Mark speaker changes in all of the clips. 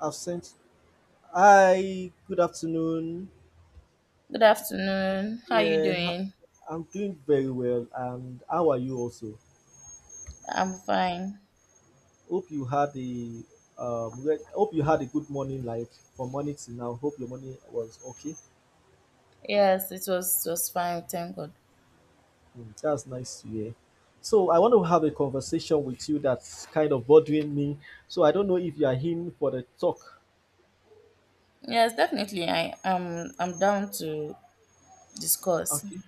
Speaker 1: I've sent. Hi, good afternoon.
Speaker 2: Good afternoon. How are you
Speaker 1: Yeah, h-
Speaker 2: doing?
Speaker 1: I'm doing very well, and how are you also?
Speaker 2: I'm fine.
Speaker 1: Hope you had a hope you had a good morning, like from morning to now. Hope your morning was okay.
Speaker 2: Yes, it was fine. Thank God.
Speaker 1: Mm, that's nice to hear. So I want to have a conversation with you that's kind of bothering me. So I don't know if you are in for the talk.
Speaker 2: Yes, definitely. I'm down to discuss.
Speaker 1: Okay.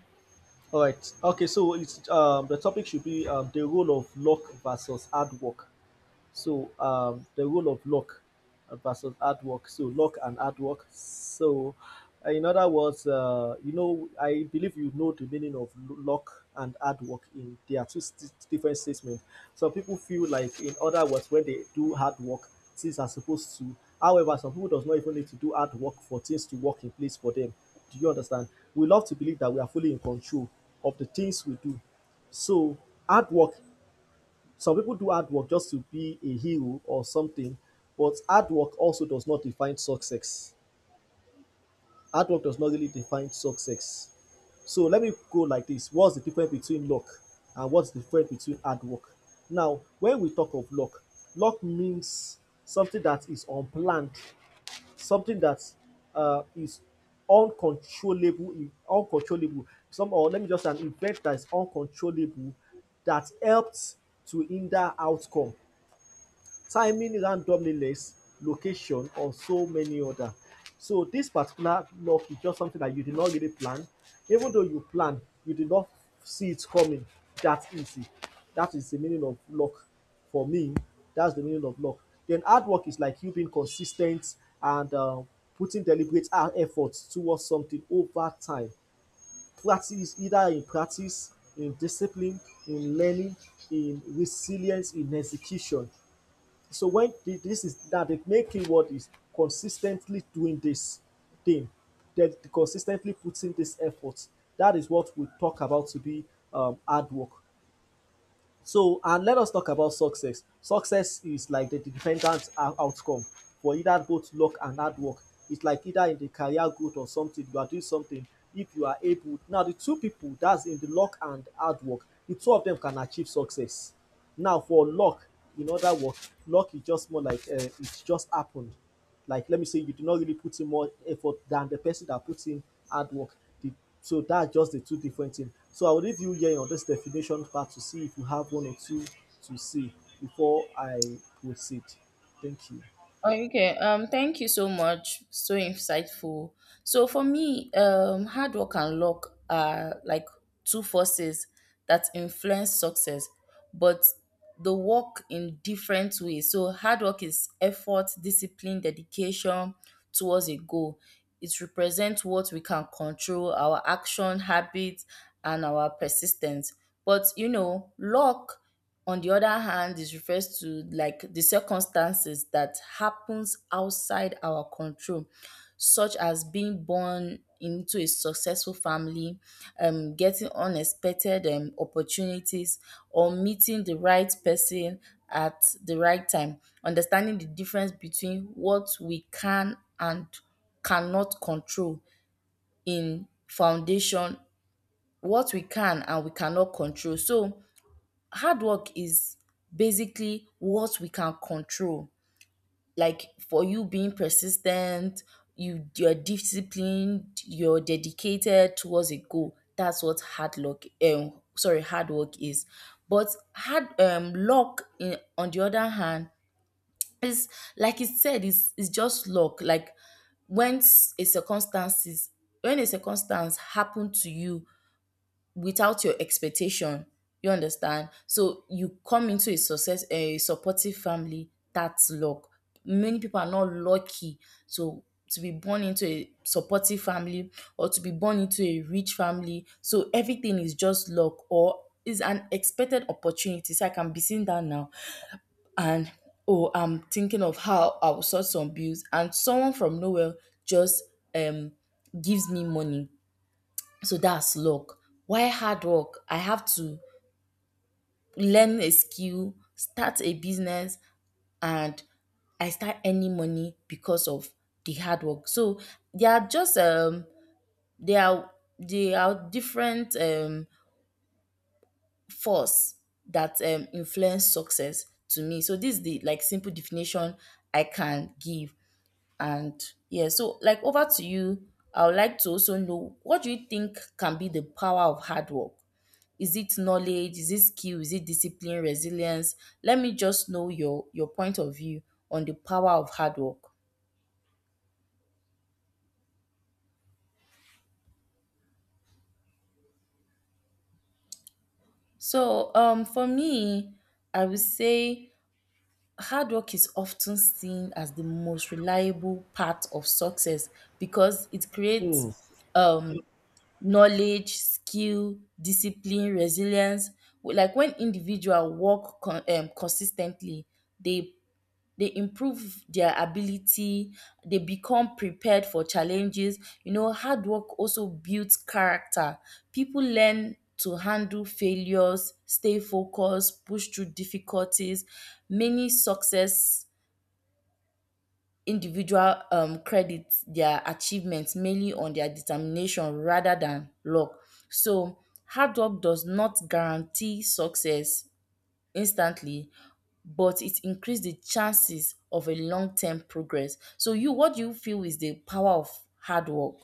Speaker 1: All right. Okay. So it's the topic should be the role of luck versus hard work. So the role of luck versus hard work. So luck and hard work. So in other words, you know, I believe you know the meaning of luck and hard work. In they are two different statements. Some people feel like, in other words, when they do hard work, things are supposed to. However, some people does not even need to do hard work for things to work in place for them. Do you understand? We love to believe that we are fully in control of the things we do. So hard work some people do hard work just to be a hero or something, but hard work also does not define success. Hard work does not really define success. So let me go like this. What's the difference between luck and what's the difference between hard work? Now, when we talk of luck, luck means something that is unplanned, something that is uncontrollable, uncontrollable. Some or let me just say an event that is uncontrollable that helped to hinder outcome timing randomness, location, or so many other. So this particular luck is just something that you did not really plan. Even though you plan, you did not see it coming that easy. That is the meaning of luck for me. That's the meaning of luck. Then hard work is like you being consistent and putting deliberate efforts towards something over time. Practice either in practice, in discipline, in learning, in resilience, in execution. So when this is that the main keyword is consistently doing this thing, that consistently puts in this effort. That is what we talk about to be hard work. So, and let us talk about success. Success is like the defendant's outcome for either both luck and hard work. It's like either in the career growth or something, you are doing something if you are able. Now, the two people that's in the luck and hard work, the two of them can achieve success. Now, for luck, in other words, luck is just more like it just happened. Like, let me say, you do not really put in more effort than the person that puts in hard work. The so that's just the two different things. So I will leave you here on this definition part to see if you have one or two to see before I proceed. Thank you.
Speaker 2: Okay, thank you so much. So insightful. So for me, hard work and luck are like two forces that influence success, but the work in different ways. So hard work is effort, discipline, dedication towards a goal. It represents what we can control, our action, habits, and our persistence. But luck, on the other hand, it refers to like the circumstances that happens outside our control, such as being born into a successful family, getting unexpected opportunities, or meeting the right person at the right time. Understanding the difference between what we can and cannot control in foundation, what we can and we cannot control. So hard work is basically what we can control. Like for you being persistent, you're disciplined, you're dedicated towards a goal. That's what hard work is. But on the other hand, is like it said, it's just luck. Like when s- a circumstances when a circumstance happen to you without your expectation. You understand? So you come into a success, a supportive family. That's luck. Many people are not lucky to to be born into a supportive family, or to be born into a rich family. So everything is just luck, or is an expected opportunity. So I can be seen that now, and oh, I'm thinking of how I will sort some bills, and someone from nowhere just um gives me money, so that's luck. Why hard work? I have to learn a skill, start a business, and I start earning money because of the hard work. So they are just, they are they are different, force that, influence success, to me. So this is the like simple definition I can give. And yeah, so like over to you. I would like to also know, what do you think can be the power of hard work? Is it knowledge? Is it skill? Is it discipline, resilience? Let me just know your point of view on the power of hard work. So, for me, I would say hard work is often seen as the most reliable part of success, because it creates, um, knowledge, skill, discipline, resilience. Like when individual work consistently, they they improve their ability, they become prepared for challenges. Hard work also builds character. People learn to handle failures, stay focused, push through difficulties. Many success individual credit their achievements mainly on their determination rather than luck. So hard work does not guarantee success instantly, but it increased the chances of a long term progress. So, what do you feel is the power of hard work?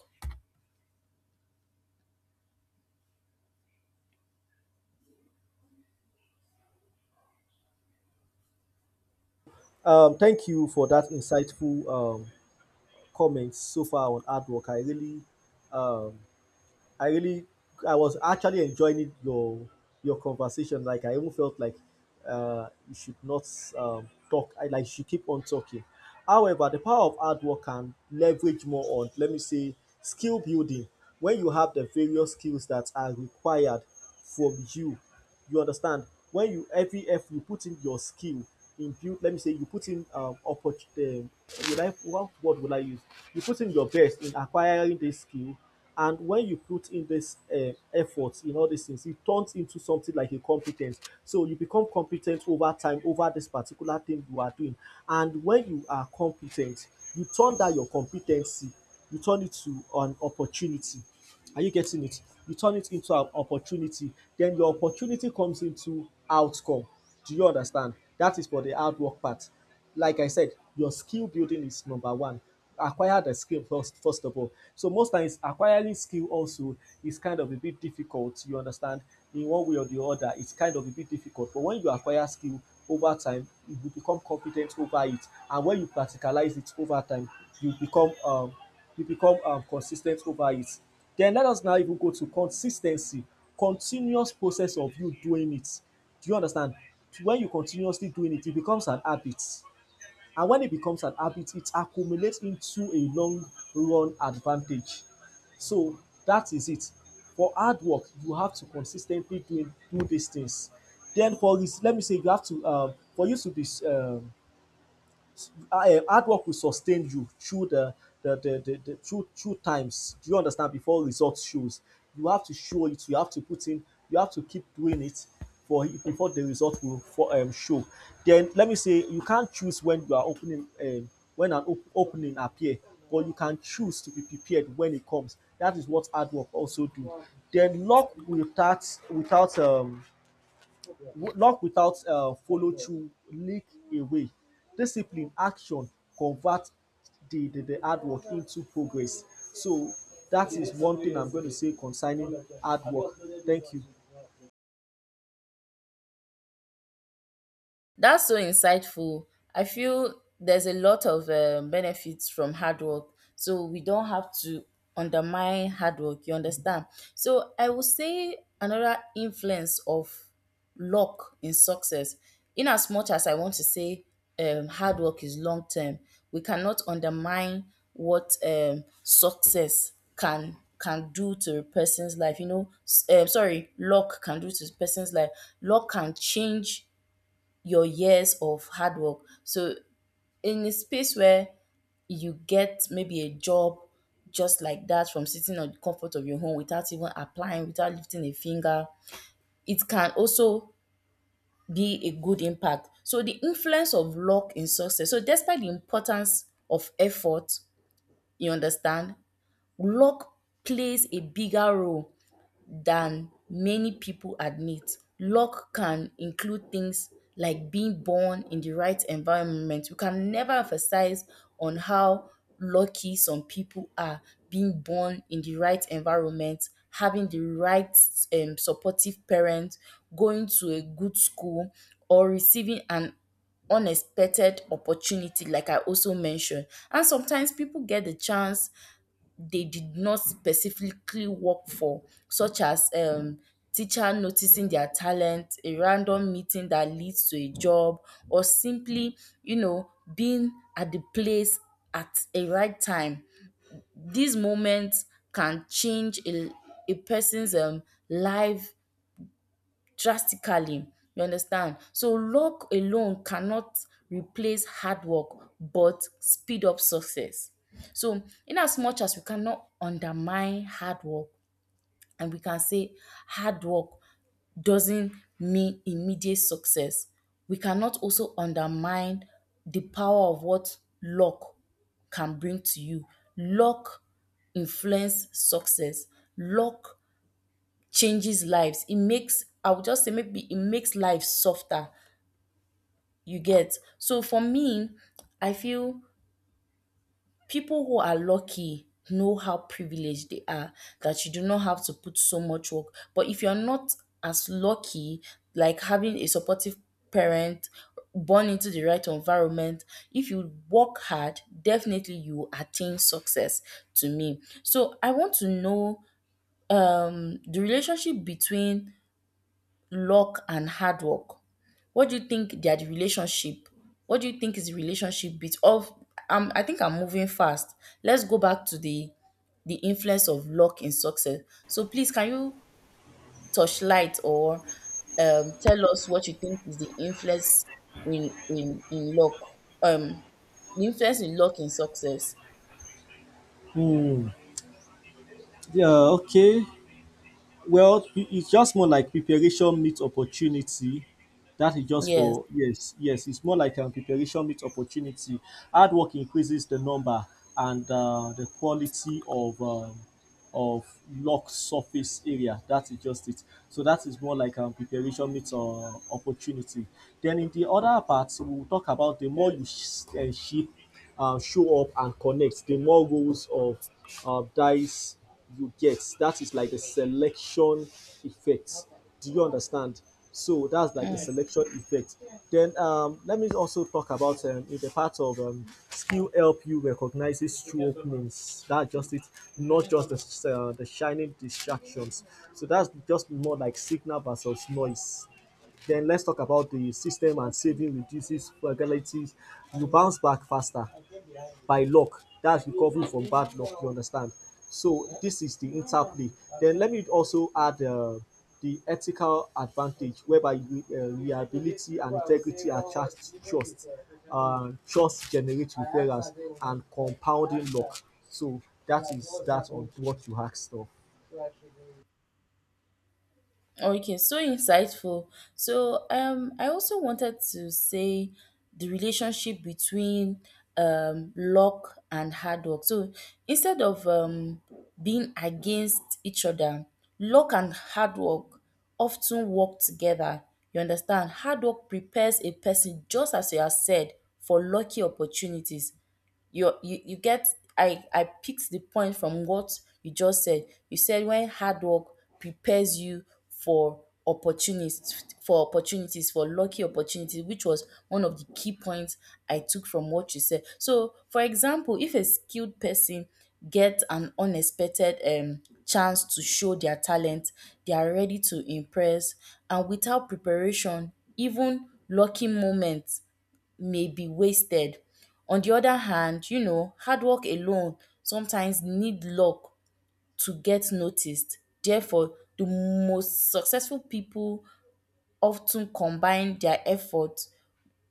Speaker 1: Thank you for that insightful comments so far on hard work. I really um, I really, I was actually enjoying it, your conversation. Like I even felt like you should not talk. I like you should keep on talking. However, the power of hard work can leverage more on, let me say, skill building. When you have the various skills that are required from you. You understand? When you every effort you put in your skill, in build, let me say you put in opportunity. Would I what word would I use? You put in your best in acquiring this skill, and when you put in this effort in all these things, it turns into something like a competence. So you become competent over time over this particular thing you are doing, and when you are competent, you turn that your competency, you turn it to an opportunity. Are you getting it? You turn it into an opportunity. Then your opportunity comes into outcome. Do you understand? That is for the hard work part. Like I said, your skill building is number one. Acquire the skill first, first of all. So most times, acquiring skill also is kind of a bit difficult. You understand? In one way or the other, it's kind of a bit difficult. But when you acquire skill over time, you will become competent over it. And when you practicalize it over time, you become um, you become consistent over it. Then let us now even go to consistency, continuous process of you doing it. Do you understand? When you continuously doing it, it becomes an habit. And when it becomes an habit, it accumulates into a long run advantage. So that is it. For hard work, you have to consistently ten doing do these things. Then for this, let me say you have to for you to be hard work will sustain you through the through times. Do you understand? Before results shows, you have to show it. You have to put in. You have to keep doing it for before the result will for show. Then let me say you can't choose when you are opening when an opening appear, but you can choose to be prepared when it comes. That is what hard work also do. Then luck without luck without follow through leak away. Discipline, action convert the hard work into progress. So that is one thing I'm going to say concerning hard work. Thank you.
Speaker 2: That's so insightful. I feel there's a lot of benefits from hard work. So we don't have to undermine hard work. You understand? So I would say another influence of luck in success. In as much as I want to say, hard work is long term, we cannot undermine what, success can do to a person's life. You know, luck can do to a person's life. Luck can change your years of hard work. So in a space where you get maybe a job just like that, from sitting on the comfort of your home, without even applying, without lifting a finger, it can also be a good impact. So the influence of luck in success. So despite the importance of effort, you understand, luck plays a bigger role than many people admit. Luck can include things like being born in the right environment. We can never emphasize on how lucky some people are, being born in the right environment, having the right, supportive parents, going to a good school, or receiving an unexpected opportunity, like I also mentioned. And sometimes people get the chance they did not specifically work for, such as, teacher noticing their talent, a random meeting that leads to a job, or simply, being at the place at a right time. These moments can change a person's, life drastically. You understand? So luck alone cannot replace hard work, but speed up success. So in as much as we cannot undermine hard work, and we can say hard work doesn't mean immediate success, we cannot also undermine the power of what luck can bring to you. Luck influence success. Luck changes lives. It makes I would just say, maybe it makes life softer. You get so for me, I feel people who are lucky know how privileged they are, that you do not have to put so much work. But if you're not as lucky, like having a supportive parent, born into the right environment, if you work hard, definitely you will attain success, to me. So I want to know, the relationship between luck and hard work. What do you think their relationship? What do you think is the relationship? Bit of I think I'm moving fast. Let's go back to the influence of luck in success. So please, can you touch light, or tell us what you think is the influence in luck, um the influence in luck in success.
Speaker 1: Hmm. Yeah, okay. Well, it's just more like preparation meets opportunity. That is just
Speaker 2: Yes.
Speaker 1: for yes, yes. It's more like preparation meets opportunity. Hard work increases the number and the quality of lock surface area. That is just it. So that is more like preparation meets opportunity. Then in the other part, we'll talk about the more you ship, show up and connect, the more rows of dice you get. That is like the selection effect. Do you understand? So that's like the
Speaker 2: Mm.
Speaker 1: selection effect. Then let me also talk about in the part of skill help you recognizes true openings. That's just it, not just the shining distractions. So that's just more like signal versus noise. Then let's talk about the system and saving reduces vulnerabilities. You bounce back faster by luck. That's recovering from bad luck, you understand? So this is the interplay. Then let me also add the ethical advantage whereby reliability and integrity are charged trust. Trust generates referrals and compounding luck. So that is that on what you asked of.
Speaker 2: Okay, so insightful. So I also wanted to say the relationship between, luck and hard work. So instead of, being against each other, luck and hard work often work together. You understand? Hard work prepares a person, just as you have said, for lucky opportunities. You get. I picked the point from what you just said. You said when hard work prepares you for lucky opportunities, which was one of the key points I took from what you said. So for example, if a skilled person get an unexpected, chance to show their talent, they are ready to impress. And without preparation, even lucky moments may be wasted. On the other hand, hard work alone sometimes need luck to get noticed. Therefore, the most successful people often combine their efforts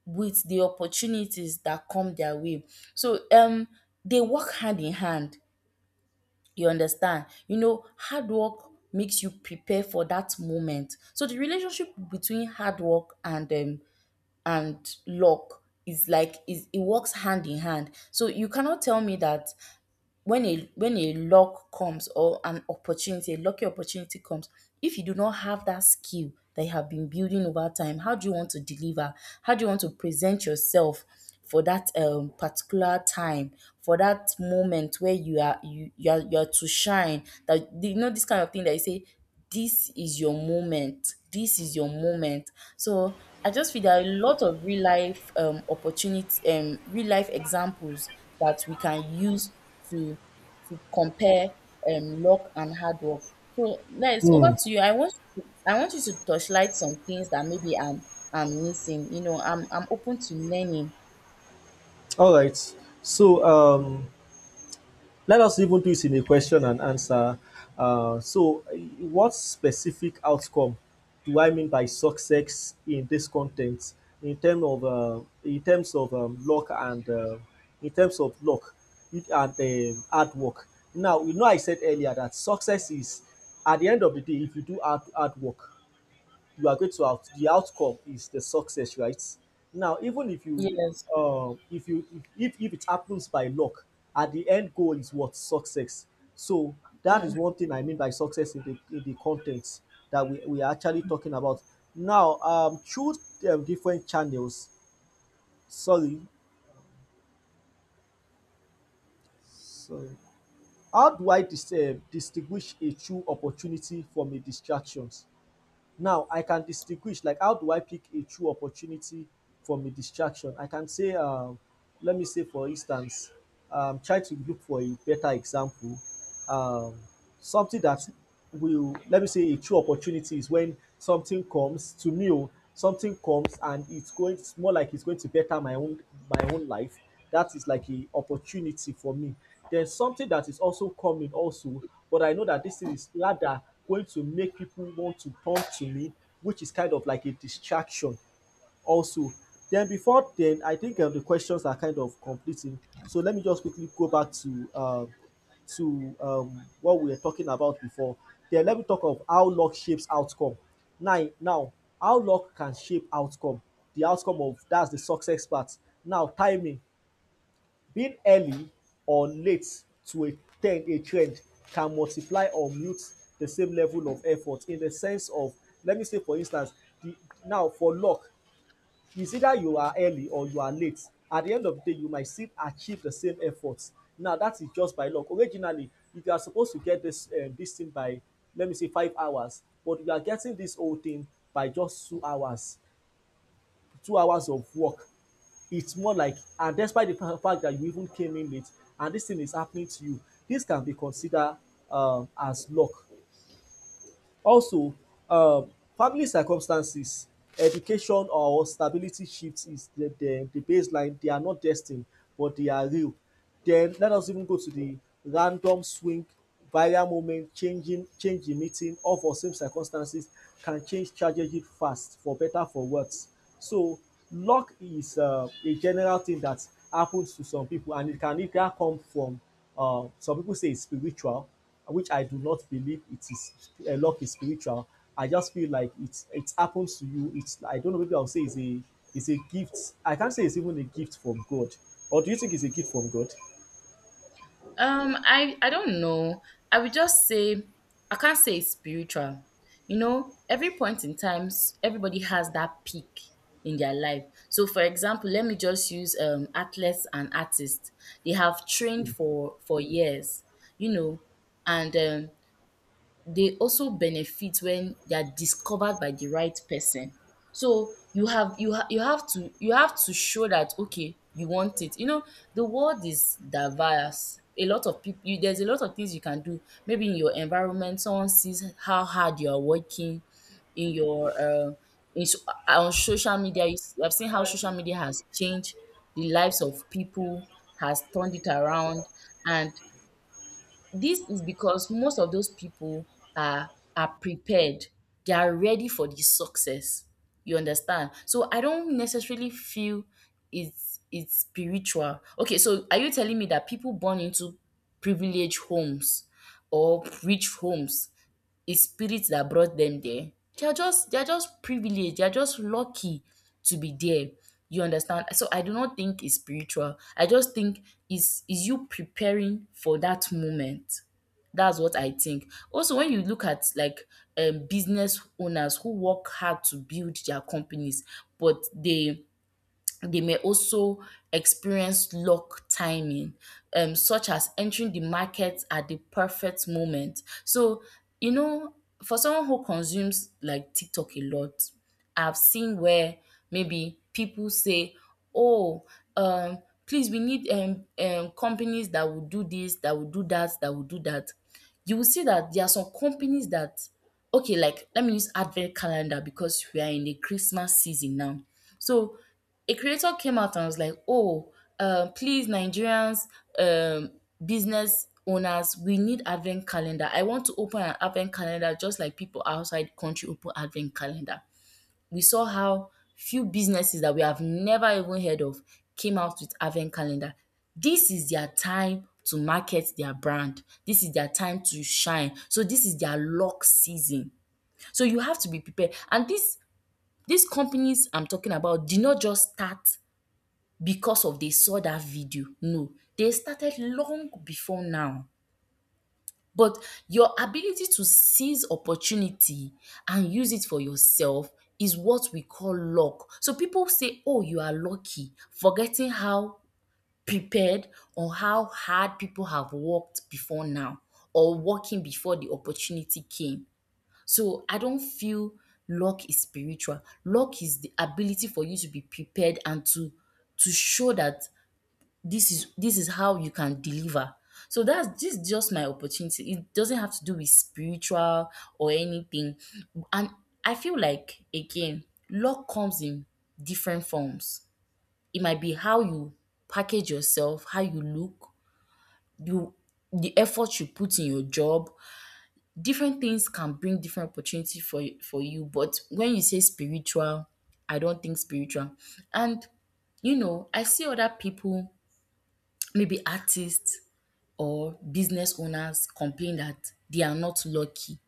Speaker 2: with the opportunities that come their way. So they work hand in hand. You understand? Hard work makes you prepare for that moment. So the relationship between hard work and luck is like is it works hand in hand. So you cannot tell me that, when a luck comes, or an opportunity, a lucky opportunity comes, if you do not have that skill that you have been building over time, how do you want to deliver? How do you want to present yourself for that, particular time, for that moment where you are to shine? That you know this kind of thing that you say, this is your moment. This is your moment. So I just feel there are a lot of real life, real life examples that we can use to to compare, luck and hard work. So Les, over
Speaker 1: Hmm.
Speaker 2: to you. I want you to, touchlight some things that maybe I'm missing. I'm open to learning.
Speaker 1: All right. So let us even do it in a question and answer. Uh, so, uh, what specific outcome do I mean by success in this content? In terms of luck and in terms of luck and hard work. Now, you know, I said earlier that success is at the end of the day if you do hard, hard work you are going to out the outcome is the success right now even if you
Speaker 2: Yes.
Speaker 1: if you if it happens by luck at the end goal is what success so that is
Speaker 2: Mm.
Speaker 1: one thing I mean by success in the content that we are actually talking about now through different channels sorry sorry how do I distinguish a true opportunity from a distraction. Now I can distinguish like how do I pick a true opportunity from a distraction? I can say, let me say for instance, try to look for a better example. Um, something that will let me say a true opportunity is when something comes to me, oh, something comes and it's going it's more like it's going to better my own life. That is like a opportunity for me. There's something that is also coming also but I know that this thing is rather going to make people want to turn to me, which is kind of like a distraction also. Then before then, I think the questions are kind of completing. So let me just quickly go back to what we were talking about before. Then let me talk of how luck shapes outcome. Now, now how luck can shape outcome, the outcome of that's the success part. Now timing. Being early or late to a ten a trend can multiply or mute the same level of effort. In the sense of, let me say for instance, the now for luck, it's either you are early or you are late. At the end of the day you might still achieve the same effort. Now that is just by luck. Originally, if you are supposed to get this thing by, let me say, 5 hours, but you are getting this whole thing by just 2 hours, 2 hours of work, it's more like, and despite the fact that you even came in late and this thing is happening to you, this can be considered as luck also. um, Family circumstances, education, or stability shifts is the, the baseline. They are not destined, but they are real. Then let us even go to the random swing. Viral moment, meeting, all for same circumstances, can change tragedy fast, for better for worse. So luck is a general thing that happens to some people, and it can either come from, some people say it's spiritual, which I do not believe it is. Luck is spiritual. I just feel like it happens to you. It's, I don't know. Maybe I'll say it's a gift. I can't say it's even a gift from God. Or do you think it's a gift from God?
Speaker 2: I don't know. I would just say, I can't say it's spiritual. Every point in times, everybody has that peak in their life. So, for example, let me just use, athletes and artists. They have trained for years, you know, and, they also benefit when they are discovered by the right person. So you have you have you have to show that, okay, you want it. You know the world is diverse. A lot of people, there's a lot of things you can do. Maybe in your environment, someone sees how hard you are working. In your in so- on social media, you have seen how social media has changed the lives of people, has turned it around, and this is because most of those people are are prepared. They are ready for the success. You understand? So I don't necessarily feel it's spiritual. Okay, so are you telling me that people born into privileged homes or rich homes, a spirit that brought them there? They are just privileged. They are just lucky to be there. You understand? So I do not think it's spiritual. I just think is you preparing for that moment. That's what I think. Also, when you look at like, business owners who work hard to build their companies, but they may also experience luck timing, such as entering the market at the perfect moment. So, you know, for someone who consumes like TikTok a lot, I've seen where maybe people say, oh, um, please, we need companies that will do this, that will do that, that will do that. You will see that there are some companies that okay, like let me use advent calendar because we are in the Christmas season now. So a creator came out and was like, oh, please Nigerians, um, business owners, we need advent calendar. I want to open an advent calendar just like people outside the country open advent calendar. We saw how few businesses that we have never even heard of came out with advent calendar. This is their time to market their brand. This is their time to shine. So this is their lock season. So you have to be prepared. And this These companies I'm talking about did not just start because of they saw that video. No, they started long before now. But your ability to seize opportunity and use it for yourself is what we call luck. So people say, oh, you are lucky, forgetting how prepared or how hard people have worked before now, or working before the opportunity came. So I don't feel luck is spiritual. Luck is the ability for you to be prepared and to show that this is how you can deliver. So that's this is just my opportunity. It doesn't have to do with spiritual or anything. And I feel like, again, luck comes in different forms. It might be how you package yourself, how you look, you, the effort you put in your job. Different things can bring different opportunity for you, but when you say spiritual, I don't think spiritual. And I see other people, maybe artists or business owners, complain that they are not lucky.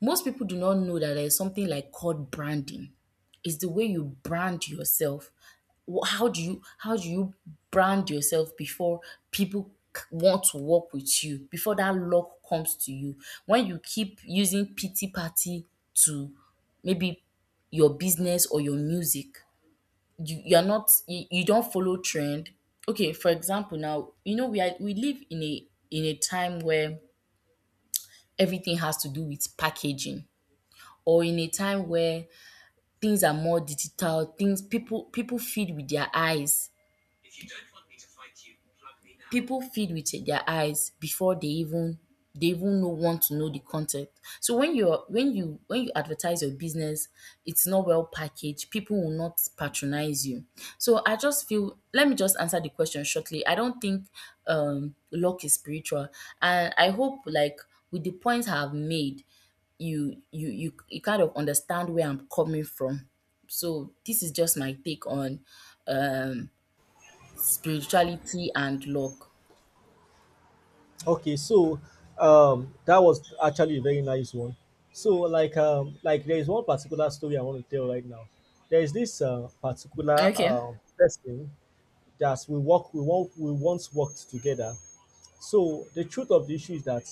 Speaker 2: Most people do not know that there is something like called branding. It's the way you brand yourself. How do you brand yourself before people want to work with you? Before that luck comes to you, when you keep using pity party to maybe your business or your music, you you're not you, you don't follow trend. Okay, for example, now we are, we live in a time where everything has to do with packaging, or in a time where things are more digital. Things, people feed with their eyes, people feed with their eyes before they even know, want to know the content. So when you advertise your business, it's not well packaged, people will not patronize you. So I just feel, let me just answer the question shortly. I don't think luck is spiritual. And I hope, like, with the points I have made, you kind of understand where I'm coming from. So this is just my take on um spirituality and luck.
Speaker 1: Okay, so that was actually a very nice one. So like, like, there is one particular story I want to tell right now. There is this particular
Speaker 2: Okay.
Speaker 1: person that we once worked together. So the truth of the issue is that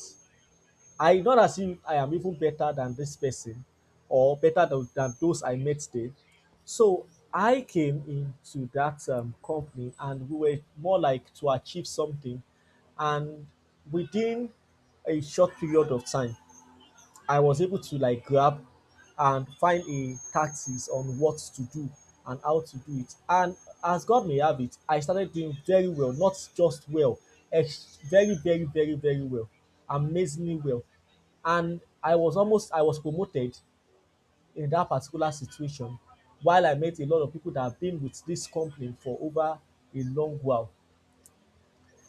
Speaker 1: I, not as if I am even better than this person or better than, those I met then. So I came into that company and we were more like to achieve something. And within a short period of time, I was able to like grab and find a tactics on what to do and how to do it. And as God may have it, I started doing very well, not just well, very, very, very, very well, amazingly well. And I was promoted in that particular situation, while I met a lot of people that have been with this company for over a long while.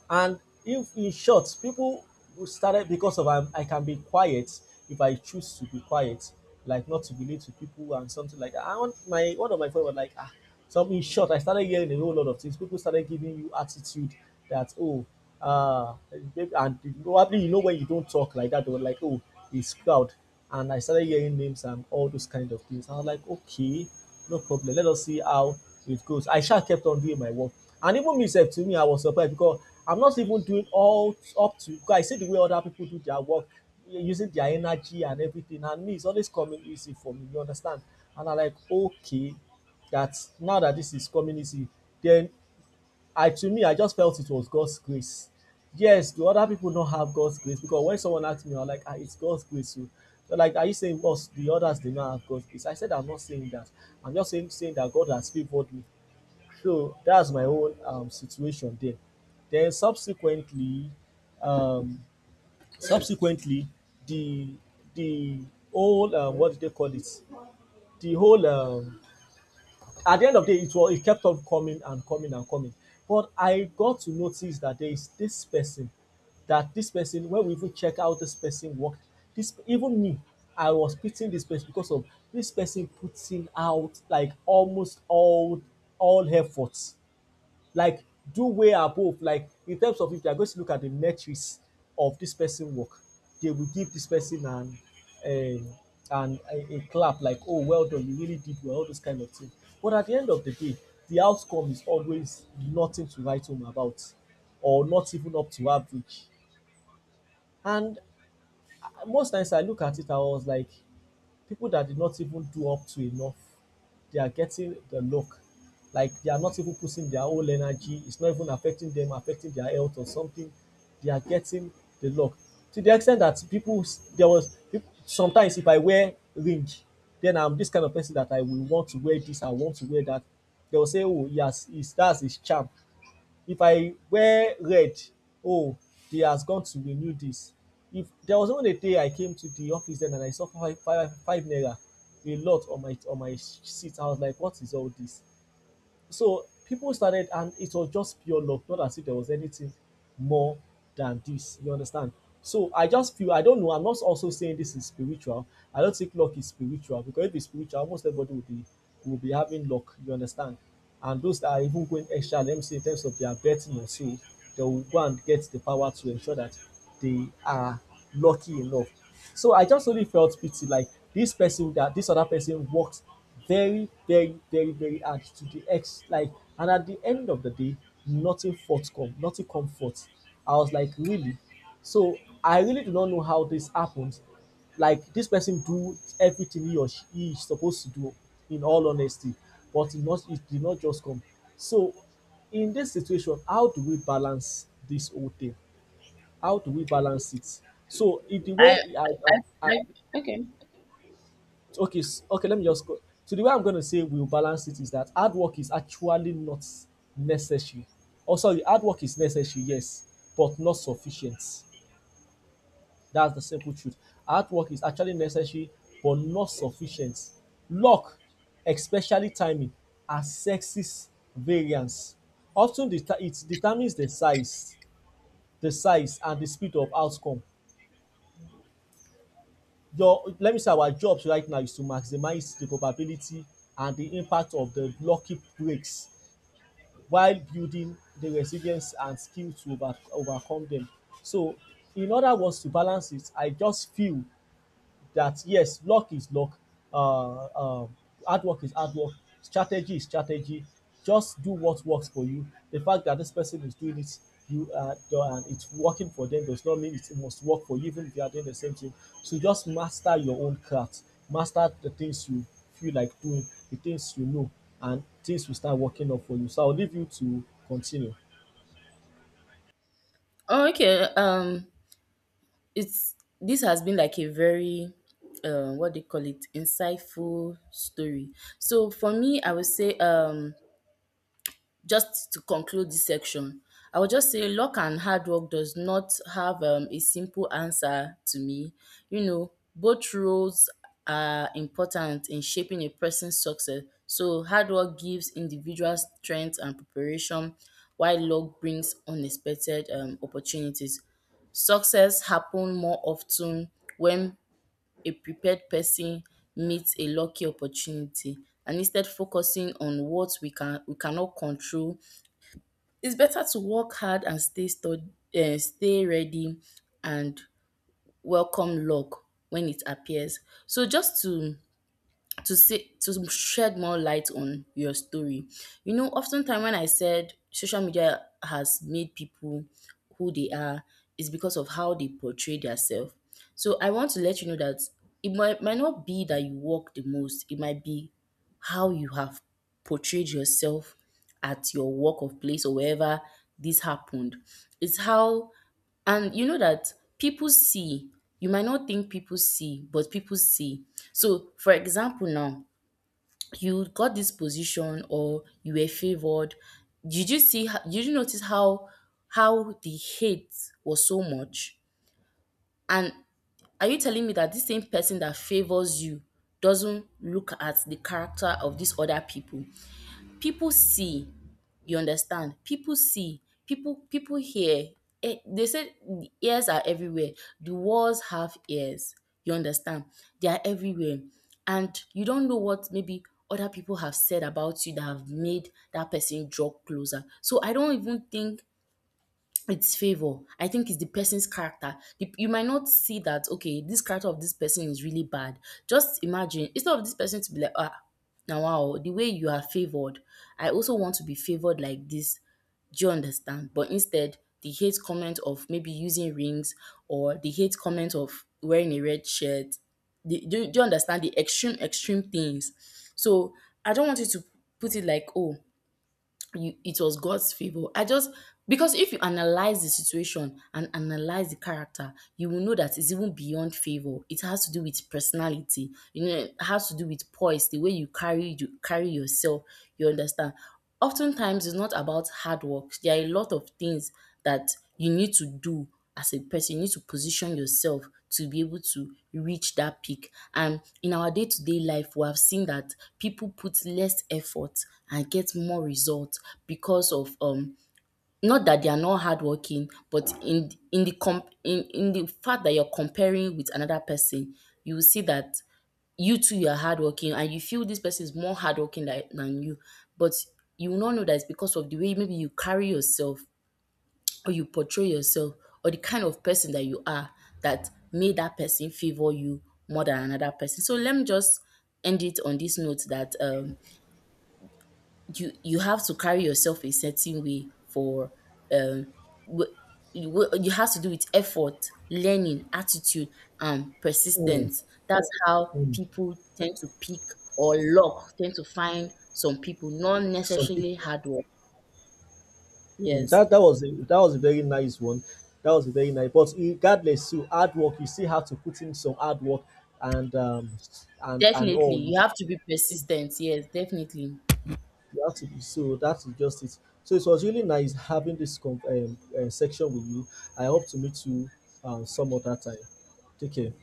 Speaker 1: And, if in short, people who started because of, I'm, I can be quiet if I choose to be quiet, like not to relate to people and something like that. I want, my, one of my friends was like, ah, so in short, I started hearing a whole lot of things. People started giving you attitude that, oh, uh, and probably you know when you don't talk like that, they were like, oh, he's proud. And I started hearing names and all those kind of things. I was like, okay, no problem. Let us see how it goes. I sure kept on doing my work. And even myself, to me, I was surprised because I'm not even doing all up to, because I see the way other people do their work using their energy and everything. And me, it's always coming easy for me, you understand? And I'm like, okay, that now that this is coming easy, then I to me, I just felt it was God's grace. Yes, do other people not have God's grace? Because when someone asked me, I'm like, ah, it's God's grace. Oh." They're like, are you saying us, the others, they not have God's grace? I said, I'm not saying that. I'm just saying that God has favored me. So that's my own situation there. Then subsequently, um, subsequently, the the whole, what do they call it? The whole, at the end of the day, it was, it kept on coming and coming and coming. But I got to notice that there is this person, that this person, when we even check out this person worked, this, even me, I was pitying this person because of this person putting out like almost all efforts, like, do way above, like, in terms of, if they are going to look at the metrics of this person work, they will give this person an, um an, a clap, like, oh, well done, you really did well, all those kind of things. But at the end of the day, the outcome is always nothing to write home about, or not even up to average. And most times I look at it, I was like, people that did not even do up to enough, they are getting the knock. Like, they are not even putting their whole energy. It's not even affecting them, affecting their health or something. They are getting the knock, to the extent that people there was sometimes if I wear ring, then I'm this kind of person that I will want to wear this, I want to wear that. They will say, oh, yes, it's, that's his charm. If I wear red, oh, they has gone to renew dis. If there was even a day I came to the office den and I saw five five five naira a lot on my sheet. I was like, what is all dis? So people started, and it was just pure luck, not as if there was anything more than this, you understand? So I just feel, I don't know, I'm not also saying this is spiritual. I don't think luck is spiritual, because if it's spiritual, almost everybody will be, will be having luck, you understand? And those that are even going extra, let me say in terms of their betting or so, they will go and get the power to ensure that they are lucky enough. So I just only felt pity, like, this person, that this other person worked very, very, very, very hard, to the ex, like, and at the end of the day, nothing forth, nothing come forth. I was like, really? So I really do not know how this happened. Like, this person do everything he or she, he is supposed to do, in all honesty, but it did not just come. So in this situation, how do we balance this whole thing? How do we balance it? So if the
Speaker 2: I,
Speaker 1: way
Speaker 2: I,
Speaker 1: I
Speaker 2: I okay.
Speaker 1: okay okay, let me just go. So the way I'm going to say we'll balance it is that hard work is actually not necessary. Oh, sorry, hard work is necessary, yes, but not sufficient. That's the simple truth. Hard work is actually necessary but not sufficient. Luck, especially timing, are sexes variance. It determines the size and the speed of outcome. Your, let me say, our jobs right now is to maximize the probability and the impact of the lucky breaks, while building the resilience and skill to overcome them. So in other words, to balance it, I just feel that yes, luck is luck, uh, uh, hard work is hard work, strategy is strategy. Just do what works for you. The fact that this person is doing it, you, and it's working for them, does not mean it must work for you, even if you are doing the same thing. So just master your own craft, master the things you feel like doing, the things you know, and things will start working up for you. So I'll leave you to continue.
Speaker 2: Oh, okay. It's This has been like a very, what do you call it, insightful story. So for me, I would say, just to conclude this section, I would just say luck and hard work does not have a simple answer to me. You know, both roles are important in shaping a person's success. So hard work gives individuals strength and preparation, while luck brings unexpected opportunities. Success happen more often when a prepared person meets a lucky opportunity, and instead focusing on what we cannot control, it's better to work hard and stay stay ready and welcome luck when it appears. So just to say, to shed more light on your story. You know, oftentimes when I said social media has made people who they are, is because of how they portray themselves. So I want to let you know that it might not be that you work the most. It might be how you have portrayed yourself at your work of place, or wherever this happened. It's how, and you know that people see. You might not think people see, but people see. So, for example, now you got this position or you were favored. Did you see? Did you notice how the hate was so much? And are you telling me that this same person that favors you doesn't look at the character of these other people? People see, you understand, people see, people hear. Eh, they say the ears are everywhere, the walls have ears, you understand. They are everywhere. And you don't know what maybe other people have said about you that have made that person draw closer. So I don't even think it's favor. I think it's the person's character. You might not see that, okay, this character of this person is really bad. Just imagine, instead of this person to be like, ah, now wow, the way you are favored, I also want to be favored like this. Do you understand? But instead, the hate comment of maybe using rings, or the hate comment of wearing a red shirt. Do you understand the extreme, extreme things? So I don't want you to put it like, oh, you, it was God's favor. I just, because if you analyze the situation and analyze the character, you will know that it's even beyond favor. It has to do with personality. You know, it has to do with poise, the way you carry yourself. You understand. Oftentimes, it's not about hard work. There are a lot of things that you need to do as a person. You need to position yourself to be able to reach that peak. And in our day to day life, we have seen that people put less effort and get more results because of, not that they are not hardworking, but in the fact that you're comparing with another person, you will see that you too, you are hardworking, and you feel this person is more hardworking than you. But you will not know that it's because of the way maybe you carry yourself, or you portray yourself, or the kind of person that you are, that made that person favor you more than another person. So let me just end it on this note that, you you have to carry yourself a certain way for um, w- you have to do with effort, learning, attitude, and
Speaker 1: Mm,
Speaker 2: persistence. That's how
Speaker 1: mm.
Speaker 2: people tend to pick or luck tend to find some people, not
Speaker 1: Some
Speaker 2: necessarily
Speaker 1: people.
Speaker 2: hard work.
Speaker 1: Mm,
Speaker 2: Yes,
Speaker 1: that, that was a very nice one. That was a very nice. But regardless, to hard work, you still have to put in some hard work, and um, and
Speaker 2: definitely.
Speaker 1: all. You
Speaker 2: You have to be
Speaker 1: still-
Speaker 2: persistent. Yes, definitely.
Speaker 1: you have to be, so that's just it. So it was really nice having this section with you. I hope to meet you some other time. Take care.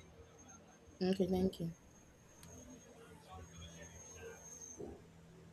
Speaker 2: Okay, thank you.